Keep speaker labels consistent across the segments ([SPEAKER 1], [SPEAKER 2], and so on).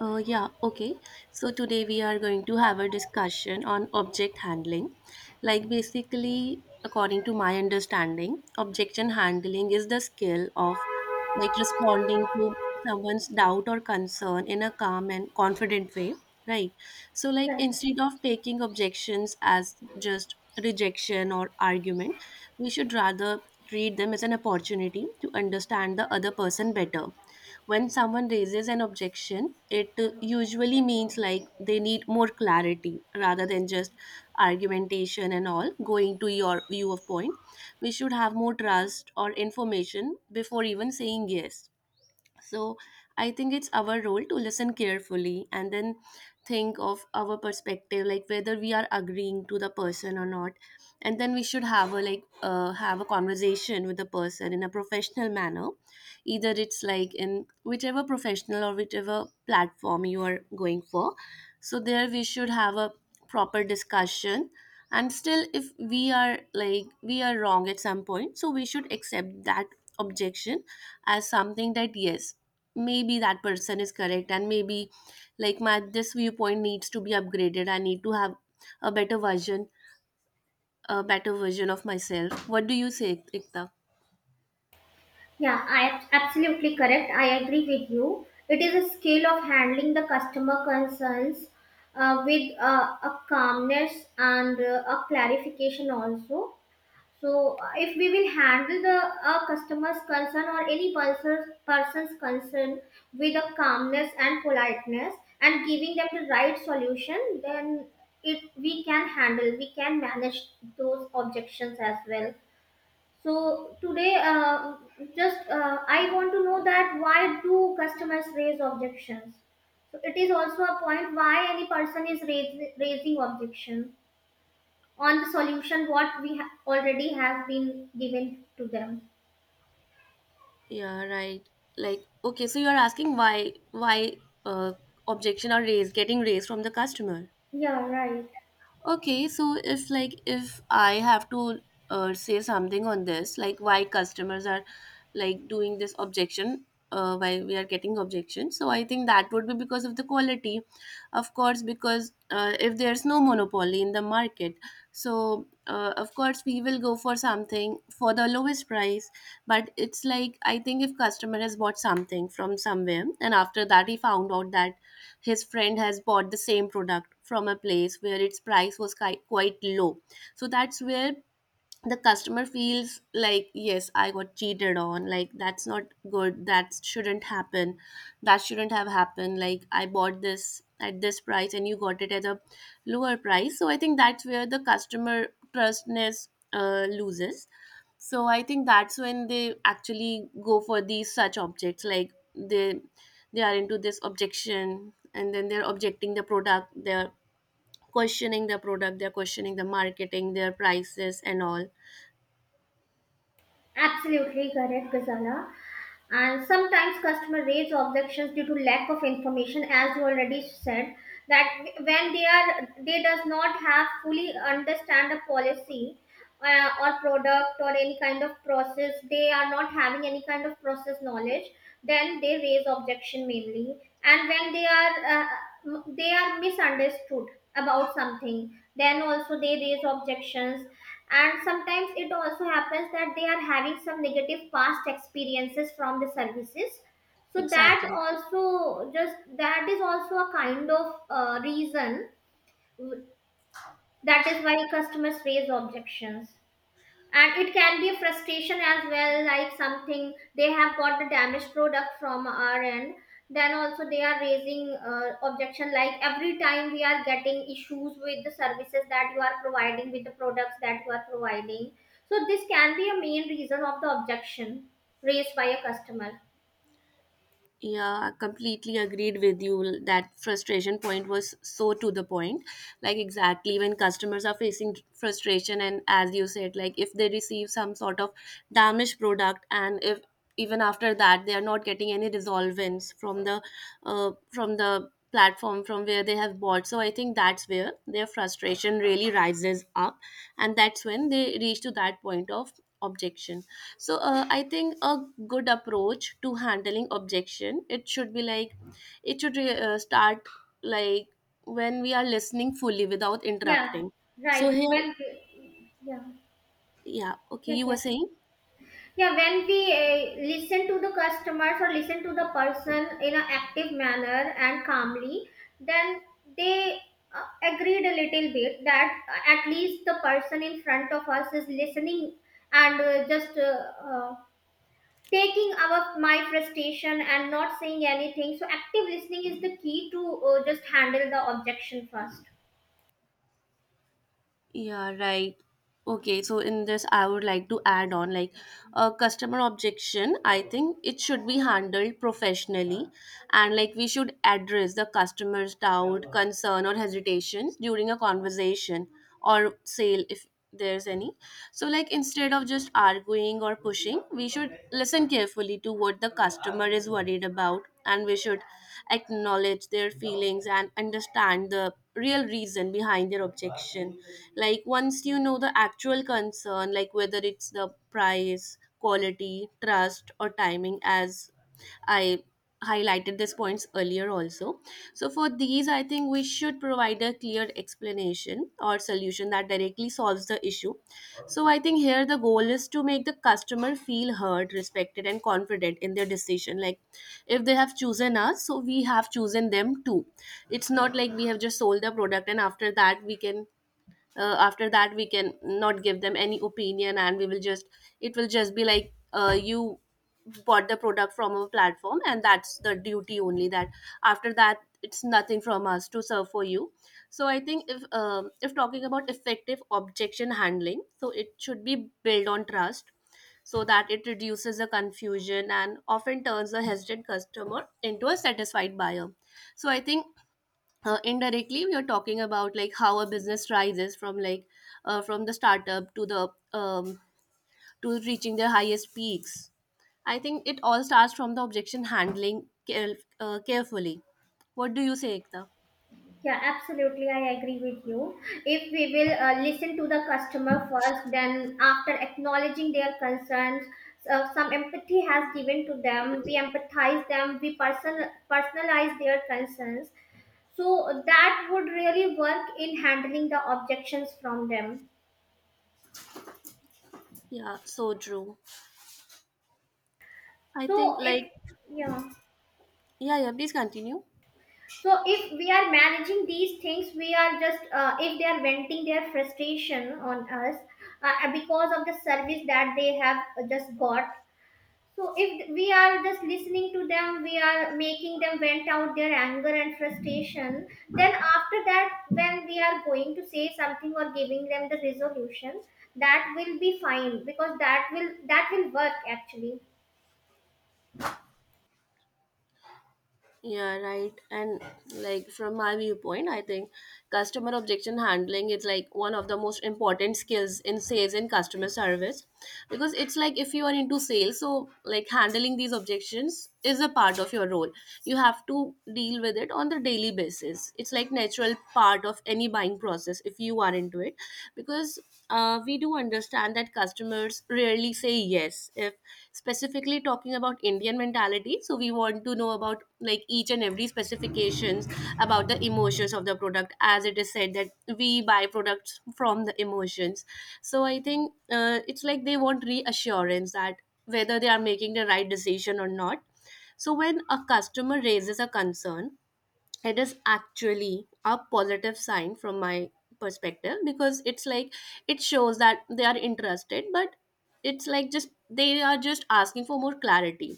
[SPEAKER 1] Yeah, okay. So today we are going to have a discussion on object handling. Like, basically, according to my understanding, objection handling is the skill of like responding to someone's doubt or concern in a calm and confident way, right? So, like, instead of taking objections as just rejection or argument, we should rather treat them as an opportunity to understand the other person better. When someone raises an objection, it usually means like they need more clarity rather than just argumentation and all going to your view of point. We should have more trust or information before even saying yes. So I think it's our role to listen carefully and then think of our perspective, like whether we are agreeing to the person or not. And then we should have a like have a conversation with the person in a professional manner. Either it's like in whichever professional or whichever platform you are going for. So there we should have a proper discussion. And still, if we are like we are wrong at some point, so we should accept that objection as something that, yes, maybe that person is correct and maybe like my this viewpoint needs to be upgraded. I need to have a better version, a better version of myself. What do you say, ikta?
[SPEAKER 2] Yeah, I absolutely correct. I agree with you. It is a skill of handling the customer concerns with a calmness and a clarification also. So, if we will handle the customer's concern or any person's concern with a calmness and politeness and giving them the right solution, then it we can handle, we can manage those objections as well. So today, just I want to know that why do customers raise objections? So it is also a point why any person is raising objection on the solution what we already have been given to them.
[SPEAKER 1] Yeah, right. Like, okay, so you're asking why uh, objection are raised, getting raised from the customer.
[SPEAKER 2] Yeah, right.
[SPEAKER 1] Okay, so if like if I have to say something on this, like why customers are like doing this objection, why we are getting objection. So I think that would be because of the quality, of course, because if there's no monopoly in the market, so of course we will go for something for the lowest price. But it's like, I think if customer has bought something from somewhere and after that he found out that his friend has bought the same product from a place where its price was quite low, so that's where the customer feels like, yes, I got cheated on. Like, that's not good, that shouldn't happen, that shouldn't have happened. Like, I bought this at this price and you got it at a lower price. So I think that's where the customer trustness loses. So I think that's when they actually go for these such objects, like they are into this objection and then they're objecting the product, they're questioning the product, they're questioning the marketing, their prices and all.
[SPEAKER 2] Absolutely correct, Ghazala. And sometimes customer raise objections due to lack of information, as you already said, that when they does not have fully understand a policy or product or any kind of process, they are not having any kind of process knowledge, then they raise objection mainly. And when they are they are misunderstood about something, then also they raise objections. And sometimes it also happens that they are having some negative past experiences from the services, so
[SPEAKER 1] Exactly.
[SPEAKER 2] that is also a kind of reason that is why customers raise objections. And it can be a frustration as well, like something they have got the damaged product from our end, then also they are raising objection like every time we are getting issues with the services that you are providing, with the products that you are providing. So this can be a main reason of the objection raised by a customer.
[SPEAKER 1] Yeah, I completely agreed with you. That frustration point was so to the point. Like, exactly when customers are facing frustration, and as you said, like if they receive some sort of damaged product, and if even after that they are not getting any resolvents from the platform from where they have bought, so I think that's where their frustration really rises up, and that's when they reach to that point of objection. So I think a good approach to handling objection, it should be like it should start like when we are listening fully without
[SPEAKER 2] Yeah,
[SPEAKER 1] interrupting. So
[SPEAKER 2] right.
[SPEAKER 1] here.
[SPEAKER 2] When yeah
[SPEAKER 1] Yeah, okay,
[SPEAKER 2] yeah get
[SPEAKER 1] you were
[SPEAKER 2] it.
[SPEAKER 1] saying.
[SPEAKER 2] Yeah, when we listen to the customers or listen to the person in an active manner and calmly, then they uh, agreed a little bit that at least the person in front of us is listening and just taking our my frustration and not saying anything. So active listening is the key to just handle the objection first.
[SPEAKER 1] Yeah, right. Okay, so in this I would like to add on, like a customer objection I think it should be handled professionally, and like we should address the customer's doubt, concern, or hesitations during a conversation or sale, if there's any. So, like, instead of just arguing or pushing, we should listen carefully to what the customer is worried about, and we should acknowledge their feelings and understand the real reason behind their objection. Like, once you know the actual concern, like whether it's the price, quality, trust, or timing, as I highlighted these points earlier also. So for these, I think we should provide a clear explanation or solution that directly solves the issue. So I think here the goal is to make the customer feel heard, respected, and confident in their decision. Like, if they have chosen us, so we have chosen them too. It's not like we have just sold the product and after that we can after that we can not give them any opinion, and we will just it will just be like you bought the product from a platform and that's the duty only, that after that it's nothing from us to serve for you. So I think, if talking about effective objection handling, so it should be built on trust, so that it reduces the confusion and often turns a hesitant customer into a satisfied buyer. So I think indirectly we are talking about like how a business rises from like from the startup to the to reaching their highest peaks. I think it all starts from the objection handling carefully. What do you say, ekta?
[SPEAKER 2] Yeah, absolutely. I agree with you. If we will listen to the customer first, then after acknowledging their concerns, some empathy has given to them. We empathize them. We personalize their concerns. So that would really work in handling the objections from them.
[SPEAKER 1] Yeah, so true. I think
[SPEAKER 2] So
[SPEAKER 1] like.
[SPEAKER 2] if yeah.
[SPEAKER 1] Yeah, yeah, please continue.
[SPEAKER 2] So if we are managing these things, we are just if they are venting their frustration on us because of the service that they have just got. So if we are just listening to them, we are making them vent out their anger and frustration. Then after that, when we are going to say something or giving them the resolution, that will be fine because that will work actually.
[SPEAKER 1] Yeah, right. And like from my viewpoint, I think customer objection handling is like one of the most important skills in sales and customer service, because it's like if you are into sales, so like handling these objections is a part of your role. You have to deal with it on the daily basis. It's like natural part of any buying process if you are into it, because we do understand that customers rarely say yes. If specifically talking about indian mentality, so we want to know about like each and every specifications about the emotions of the product, as it is said that we buy products from the emotions. So I think it's like they want reassurance that whether they are making the right decision or not. So when a customer raises a concern, it is actually a positive sign from my perspective, because it's like it shows that they are interested, but it's like just they are just asking for more clarity.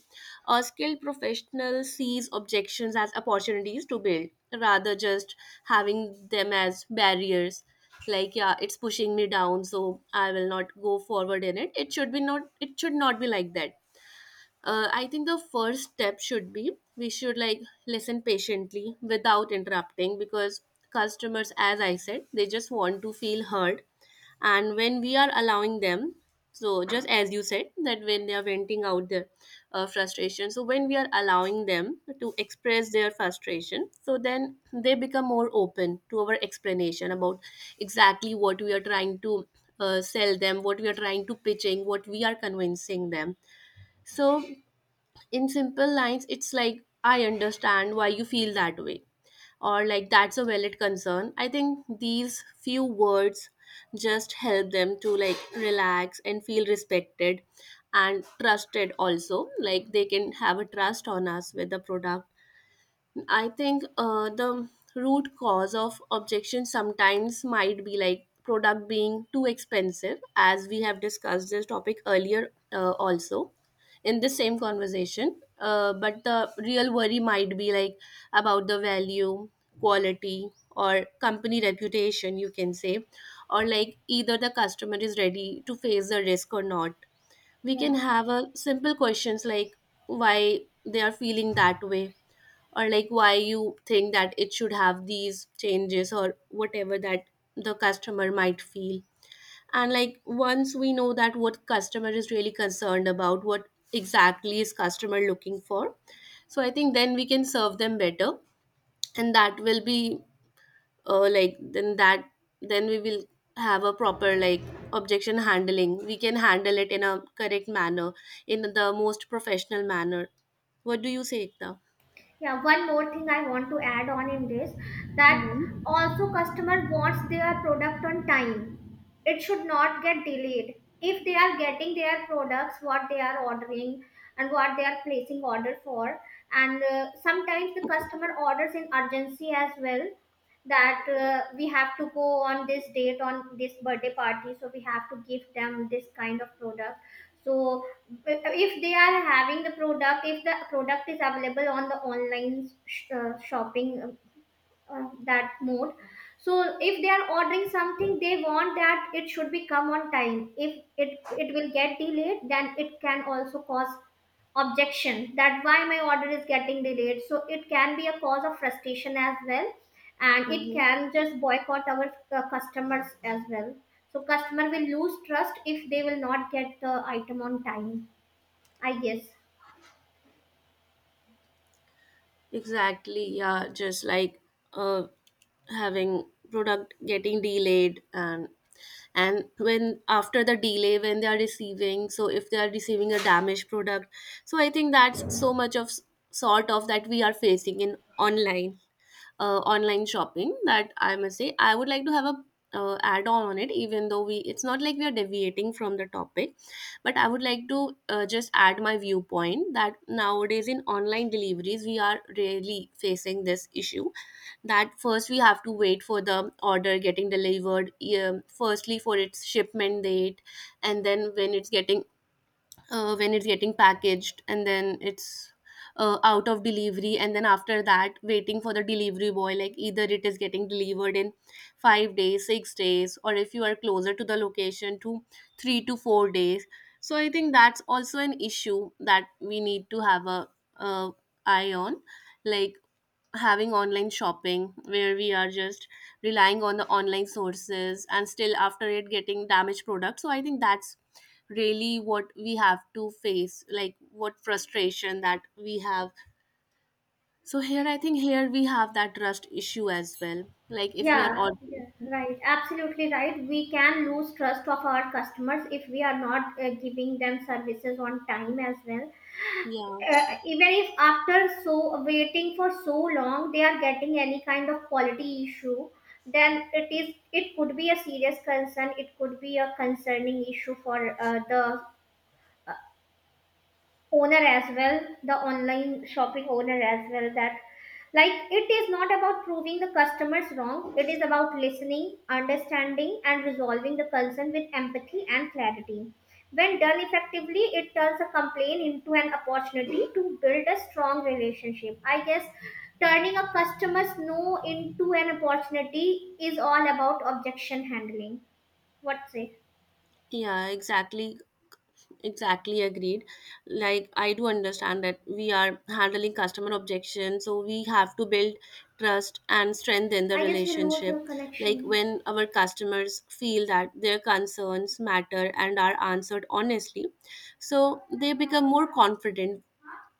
[SPEAKER 1] A skilled professional sees objections as opportunities to build rather just having them as barriers. Like, yeah, it's pushing me down so I will not go forward in it. It should be not, it should not be like that. I think the first step should be we should like listen patiently without interrupting, because customers, as I said, they just want to feel heard. And when we are allowing them, so just as you said, that when they are venting out their frustration, so when we are allowing them to express their frustration, so then they become more open to our explanation about exactly what we are trying to sell them, what we are trying to pitching, what we are convincing them. So in simple lines it's like, I understand why you feel that way, or like, that's a valid concern. I think these few words just help them to like relax and feel respected, and trusted also, like they can have a trust on us with the product. I think the root cause of objection sometimes might be like product being too expensive, as we have discussed this topic earlier also in the same conversation. But the real worry might be like about the value, quality, or company reputation, you can say, or like either the customer is ready to face the risk or not. We
[SPEAKER 2] Yeah.
[SPEAKER 1] can have a simple questions like why they are feeling that way, or like why you think that it should have these changes or whatever that the customer might feel. And like once we know that what customer is really concerned about, what exactly is customer looking for, so I think then we can serve them better, and that will be like then that then we will have a proper like objection handling, we can handle it in a correct manner, in the most professional manner. What do you say, Ekta?
[SPEAKER 2] Yeah, one more thing I want to add on in this,
[SPEAKER 1] Hmm.
[SPEAKER 2] that also customer wants their product on time. It should not get delayed. If they are getting their products what they are ordering and what they are placing order for, and sometimes the customer orders in urgency as well, that we have to go on this date, on this birthday party, so we have to give them this kind of product. So if they are having the product, if the product is available on the online shopping, that mode, so if they are ordering something, they want that it should be come on time. If it will get delayed, then it can also cause objection that why my order is getting delayed. So it can be a cause of frustration as well, and it
[SPEAKER 1] Hmm.
[SPEAKER 2] can just boycott our customers as well. So customer will lose trust if they will not get the item on time, I guess.
[SPEAKER 1] Exactly, yeah, just like uh, having product getting delayed, and when after the delay when they are receiving, so if they are receiving a damaged product, so I think that's so much of sort of that we are facing in online online shopping, that I must say I would like to have a add on it, even though we it's not like we are deviating from the topic, but I would like to just add my viewpoint that nowadays in online deliveries we are really facing this issue, that first we have to wait for the order getting delivered, firstly for its shipment date, and then when it's getting packaged, and then it's out of delivery, and then after that waiting for the delivery boy, like either it is getting delivered in 5 days, 6 days, or if you are closer to the location to 3 to 4 days. So I think that's also an issue that we need to have a uh, eye on, like having online shopping where we are just relying on the online sources and still after it getting damaged product. So I think that's really what we have to face, like what frustration that we have. So here I think here we have that trust issue as well. Like if we are
[SPEAKER 2] Yeah,
[SPEAKER 1] all
[SPEAKER 2] right. Absolutely right. We can lose trust of our customers if we are not giving them services on time as well.
[SPEAKER 1] yeah.
[SPEAKER 2] Even if after so waiting for so long they are getting any kind of quality issue, then it could be a serious concern. It could be a concerning issue for the owner as well, the online shopping owner as well, that like it is not about proving the customers wrong. It is about listening, understanding and resolving the concern with empathy and clarity. When done effectively, it turns a complaint into an opportunity to build a strong relationship, I guess. Turning a customer's no into an opportunity is all about objection handling. What's it?
[SPEAKER 1] Yeah, exactly, exactly agreed. Like, I do understand that we are handling customer objection, so we have to build trust and strengthen the
[SPEAKER 2] I guess you lose your
[SPEAKER 1] relationship. Like,
[SPEAKER 2] connection.
[SPEAKER 1] when our customers feel that their concerns matter and are answered honestly, so they become more confident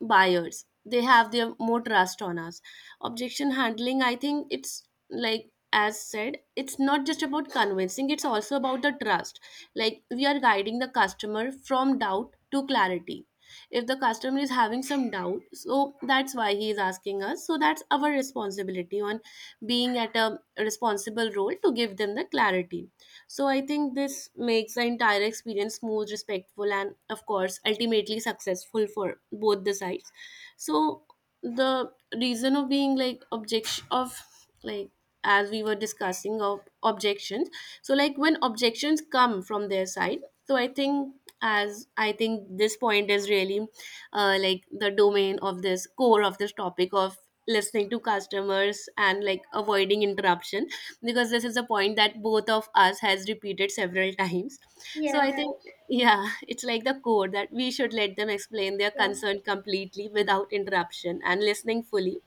[SPEAKER 1] buyers, they have their more trust on us. Objection handling, I think it's like, as said, it's not just about convincing, it's also about the trust. Like we are guiding the customer from doubt to clarity. If the customer is having some doubt, so that's why he is asking us, so that's our responsibility on being at a responsible role to give them the clarity. So I think this makes the entire experience smooth, respectful, and of course ultimately successful for both the sides. So the reason of being, like objection of, like as we were discussing of objections, so like when objections come from their side, so I think, as I think this point is really like the domain of this core of this topic of listening to customers and like avoiding interruption, because this is a point that both of us has repeated several times.
[SPEAKER 2] Yeah,
[SPEAKER 1] So I think
[SPEAKER 2] right.
[SPEAKER 1] yeah, it's like the core that we should let them explain their
[SPEAKER 2] Yeah.
[SPEAKER 1] concern completely without interruption and listening fully.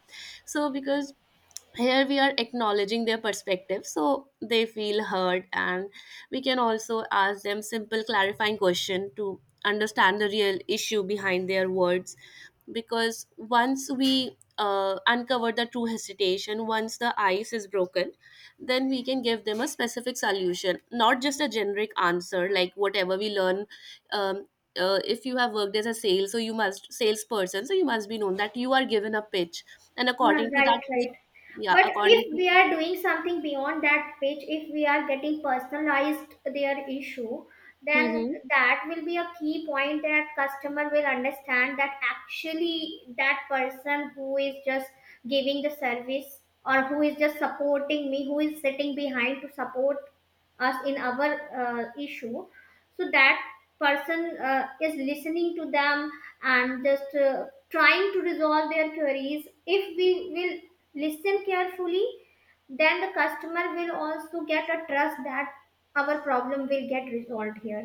[SPEAKER 1] So because here we are acknowledging their perspective so they feel heard, and we can also ask them simple clarifying question to understand the real issue behind their words. Because once we uncover the true hesitation, once the ice is broken, then we can give them a specific solution, not just a generic answer like whatever we learn. um, if you have worked as a sales, so you must salesperson, so you must be known that you are given a pitch and
[SPEAKER 2] Yeah,
[SPEAKER 1] according to that,
[SPEAKER 2] right, right.
[SPEAKER 1] yeah,
[SPEAKER 2] But if
[SPEAKER 1] according to.
[SPEAKER 2] we are doing something beyond that page, if we are getting personalized their issue, then
[SPEAKER 1] Hmm.
[SPEAKER 2] that will be a key point that customer will understand that actually that person who is just giving the service or who is just supporting me, who is sitting behind to support us in our issue, so that person is listening to them and just trying to resolve their queries. If we will listen carefully, then the customer will also get a trust that our problem will get resolved here.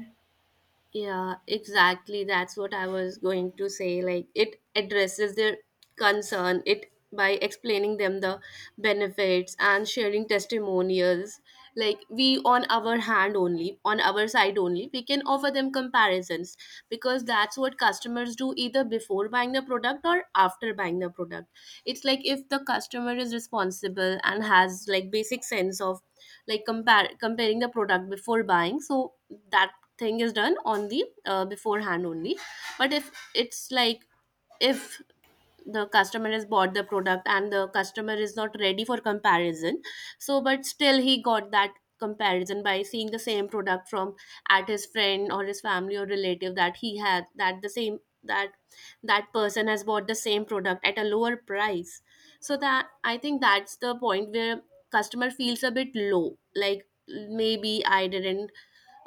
[SPEAKER 1] Yeah, exactly. That's what I was going to say. Like, it addresses their concern it by explaining them the benefits and sharing testimonials. Like, we on our hand only, on our side only, we can offer them comparisons because that's what customers do either before buying the product or after buying the product. It's like if the customer is responsible and has like basic sense of like compare comparing the product before buying, so that thing is done on the beforehand only. But if it's like, if the customer has bought the product and the customer is not ready for comparison, so but still he got that comparison by seeing the same product from at his friend or his family or relative that he had, that the same, that that person has bought the same product at a lower price. So that I think, that's the point where customer feels a bit low, like maybe I didn't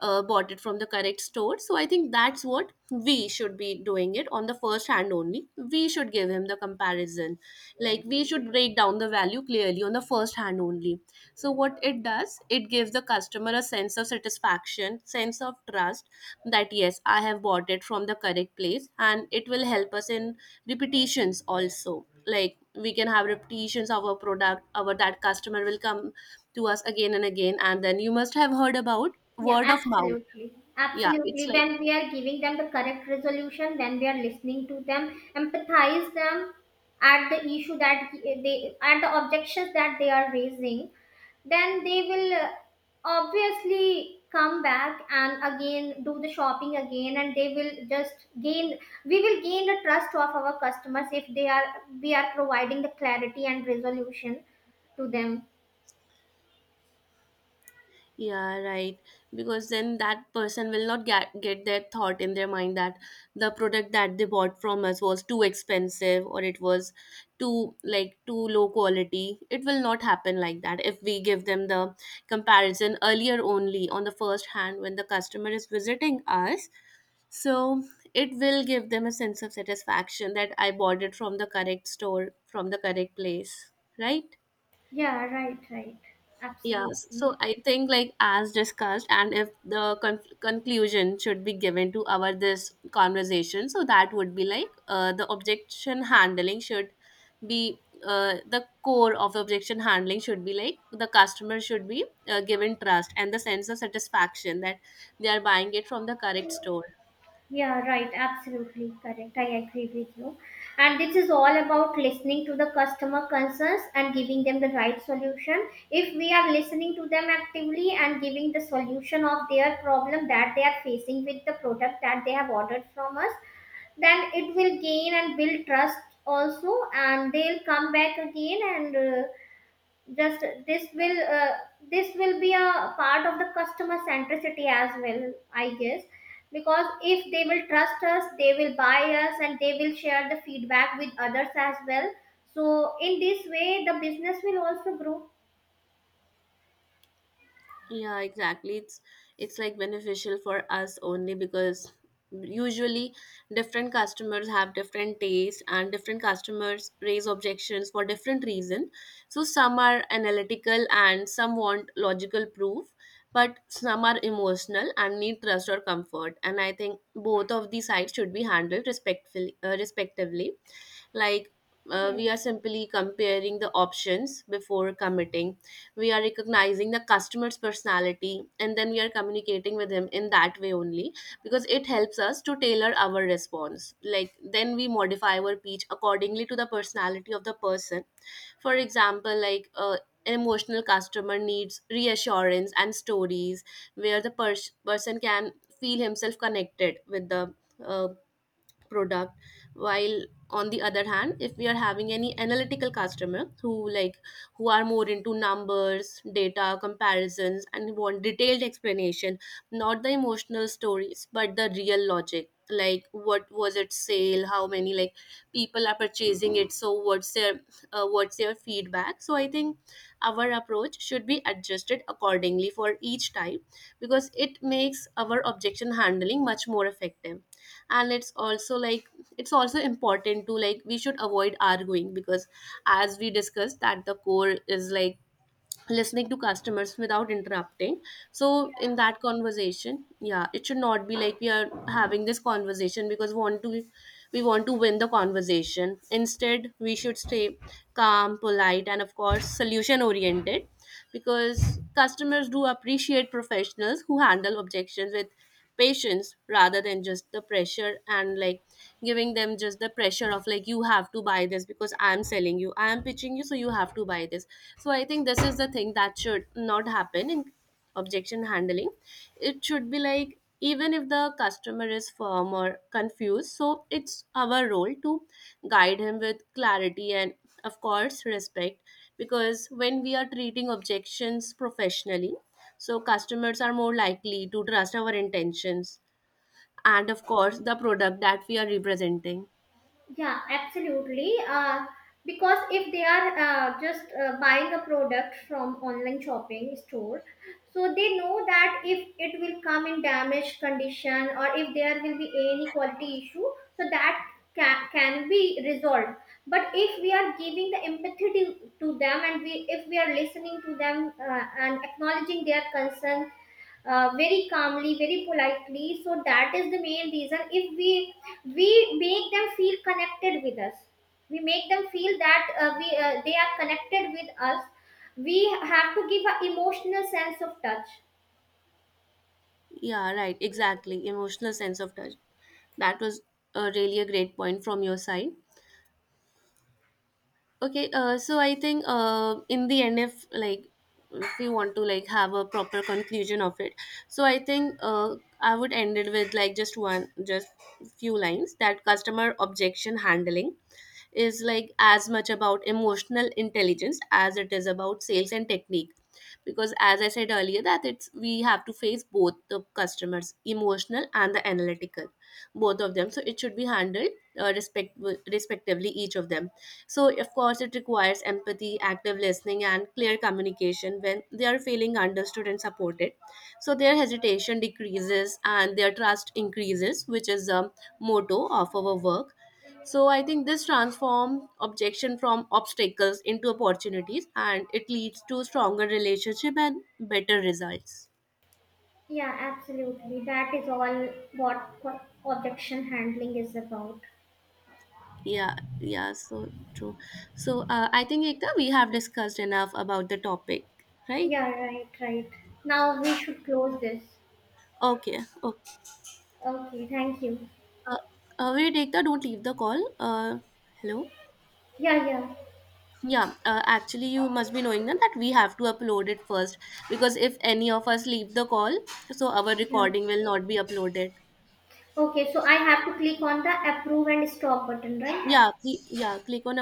[SPEAKER 1] bought it from the correct store. So I think that's what we should be doing it on the first hand only. We should give him the comparison. Like we should break down the value clearly on the first hand only. So what it does, it gives the customer a sense of satisfaction, sense of trust that yes, I have bought it from the correct place, and it will help us in repetitions also. Like we can have repetitions of our product, our that customer will come to us again and again, and then you must have heard about
[SPEAKER 2] Yeah,
[SPEAKER 1] word of mouth.
[SPEAKER 2] absolutely.
[SPEAKER 1] Yeah, it's
[SPEAKER 2] Absolutely.
[SPEAKER 1] like,
[SPEAKER 2] When we are giving them the correct resolution, when we are listening to them, empathize them at the issue that at the objections that they are raising, then they will obviously come back and again do the shopping again, and they will just gain we will gain the trust of our customers if they are we are providing the clarity and resolution to them.
[SPEAKER 1] yeah, right. Because then that person will not get that thought in their mind that the product that they bought from us was too expensive or it was too, like too low quality. It will not happen like that if we give them the comparison earlier only on the first hand when the customer is visiting us. So it will give them a sense of satisfaction that I bought it from the correct store, from the correct place, right.
[SPEAKER 2] Yeah, right, right.
[SPEAKER 1] Yeah,
[SPEAKER 2] Absolutely.
[SPEAKER 1] so I think like as discussed, and if the conclusion should be given to our this conversation, so that would be like the objection handling should be the core of the objection handling should be like the customer should be given trust and the sense of satisfaction that they are buying it from the correct store.
[SPEAKER 2] Yeah, right. Absolutely correct. I agree with you. And this is all about listening to the customer concerns and giving them the right solution. If we are listening to them actively and giving the solution of their problem that they are facing with the product that they have ordered from us, then it will gain and build trust also, and they'll come back again and just this will uh, this will be a part of the customer centricity as well, I guess. Because if they will trust us, they will buy us and they will share the feedback with others as well. So in this way the business will also grow.
[SPEAKER 1] Yeah, exactly. It's like beneficial for us only because usually different customers have different tastes and different customers raise objections for different reason. So some are analytical and some want logical proof, but some are emotional and need trust or comfort. And I think both of these sides should be handled respectfully, respectively. Like we are
[SPEAKER 2] Yes.
[SPEAKER 1] simply comparing the options before committing, we are recognizing the customer's personality and then we are communicating with him in that way only, because it helps us to tailor our response. Like then we modify our pitch accordingly to the personality of the person. For example, like an emotional customer needs reassurance and stories where the person can feel himself connected with the uh, product. While on the other hand, if we are having any analytical customer who like, who are more into numbers, data, comparisons and want detailed explanation, not the emotional stories but the real logic, like what was its sale, how many like people are purchasing it, so what's their feedback. So I think our approach should be adjusted accordingly for each type because it makes our objection handling much more effective. And it's also like, it's also important to, like we should avoid arguing because as we discussed that the core is like listening to customers without interrupting. So in that conversation yeah, it should not be like we are having this conversation because want to, we want to win the conversation. Instead we should stay calm, polite, and of course solution oriented, because customers do appreciate professionals who handle objections with patience rather than just the pressure, and like giving them just the pressure of like you have to buy this because I'm selling you, I am pitching you, so you have to buy this. So I think this is the thing that should not happen in objection handling. It should be like even if the customer is firm or confused, so it's our role to guide him with clarity and of course respect, because when we are treating objections professionally, so customers are more likely to trust our intentions and of course the product that we are representing.
[SPEAKER 2] Yeah, absolutely. Because if they are just buying a product from online shopping store, so they know that if it will come in damaged condition or if there will be any quality issue, so that can be resolved. But if we are giving the empathy to them, and we if we are listening to them and acknowledging their concern very calmly, very politely, so that is the main reason. If we make them feel connected with us, we make them feel that we they are connected with us. We have to give an emotional sense of touch.
[SPEAKER 1] Yeah, right, exactly, emotional sense of touch. That was really a great point from your side. Okay, so I think in the end, if like, if we want to like have a proper conclusion of it, so I think I would end it with like just one, just few lines that customer objection handling is like as much about emotional intelligence as it is about sales and technique. Because as I said earlier, that it's we have to face both the customers, emotional and the analytical, both of them, so it should be handled uh, respect respectively, each of them. So of course it requires empathy, active listening and clear communication. When they are feeling understood and supported, so their hesitation decreases and their trust increases, which is the motto of our work. So I think this transforms objection from obstacles into opportunities, and it leads to stronger relationship and better results.
[SPEAKER 2] Yeah, absolutely, that is all what objection handling is about.
[SPEAKER 1] Yeah, yeah, so true. So I think Ekta, we have discussed enough about the topic, right?
[SPEAKER 2] Yeah, right, right. Now we should close this.
[SPEAKER 1] Okay, okay.
[SPEAKER 2] Okay, thank you.
[SPEAKER 1] Uh, wait, Ekta, don't leave the call. Hello.
[SPEAKER 2] Yeah, yeah.
[SPEAKER 1] Yeah, actually, you must be knowing that we have to upload it first, because if any of us leave the call, so our
[SPEAKER 2] Yeah,
[SPEAKER 1] recording will not be uploaded.
[SPEAKER 2] okay, so I have to click on the approve and stop button, right?
[SPEAKER 1] Yeah, yeah. Click on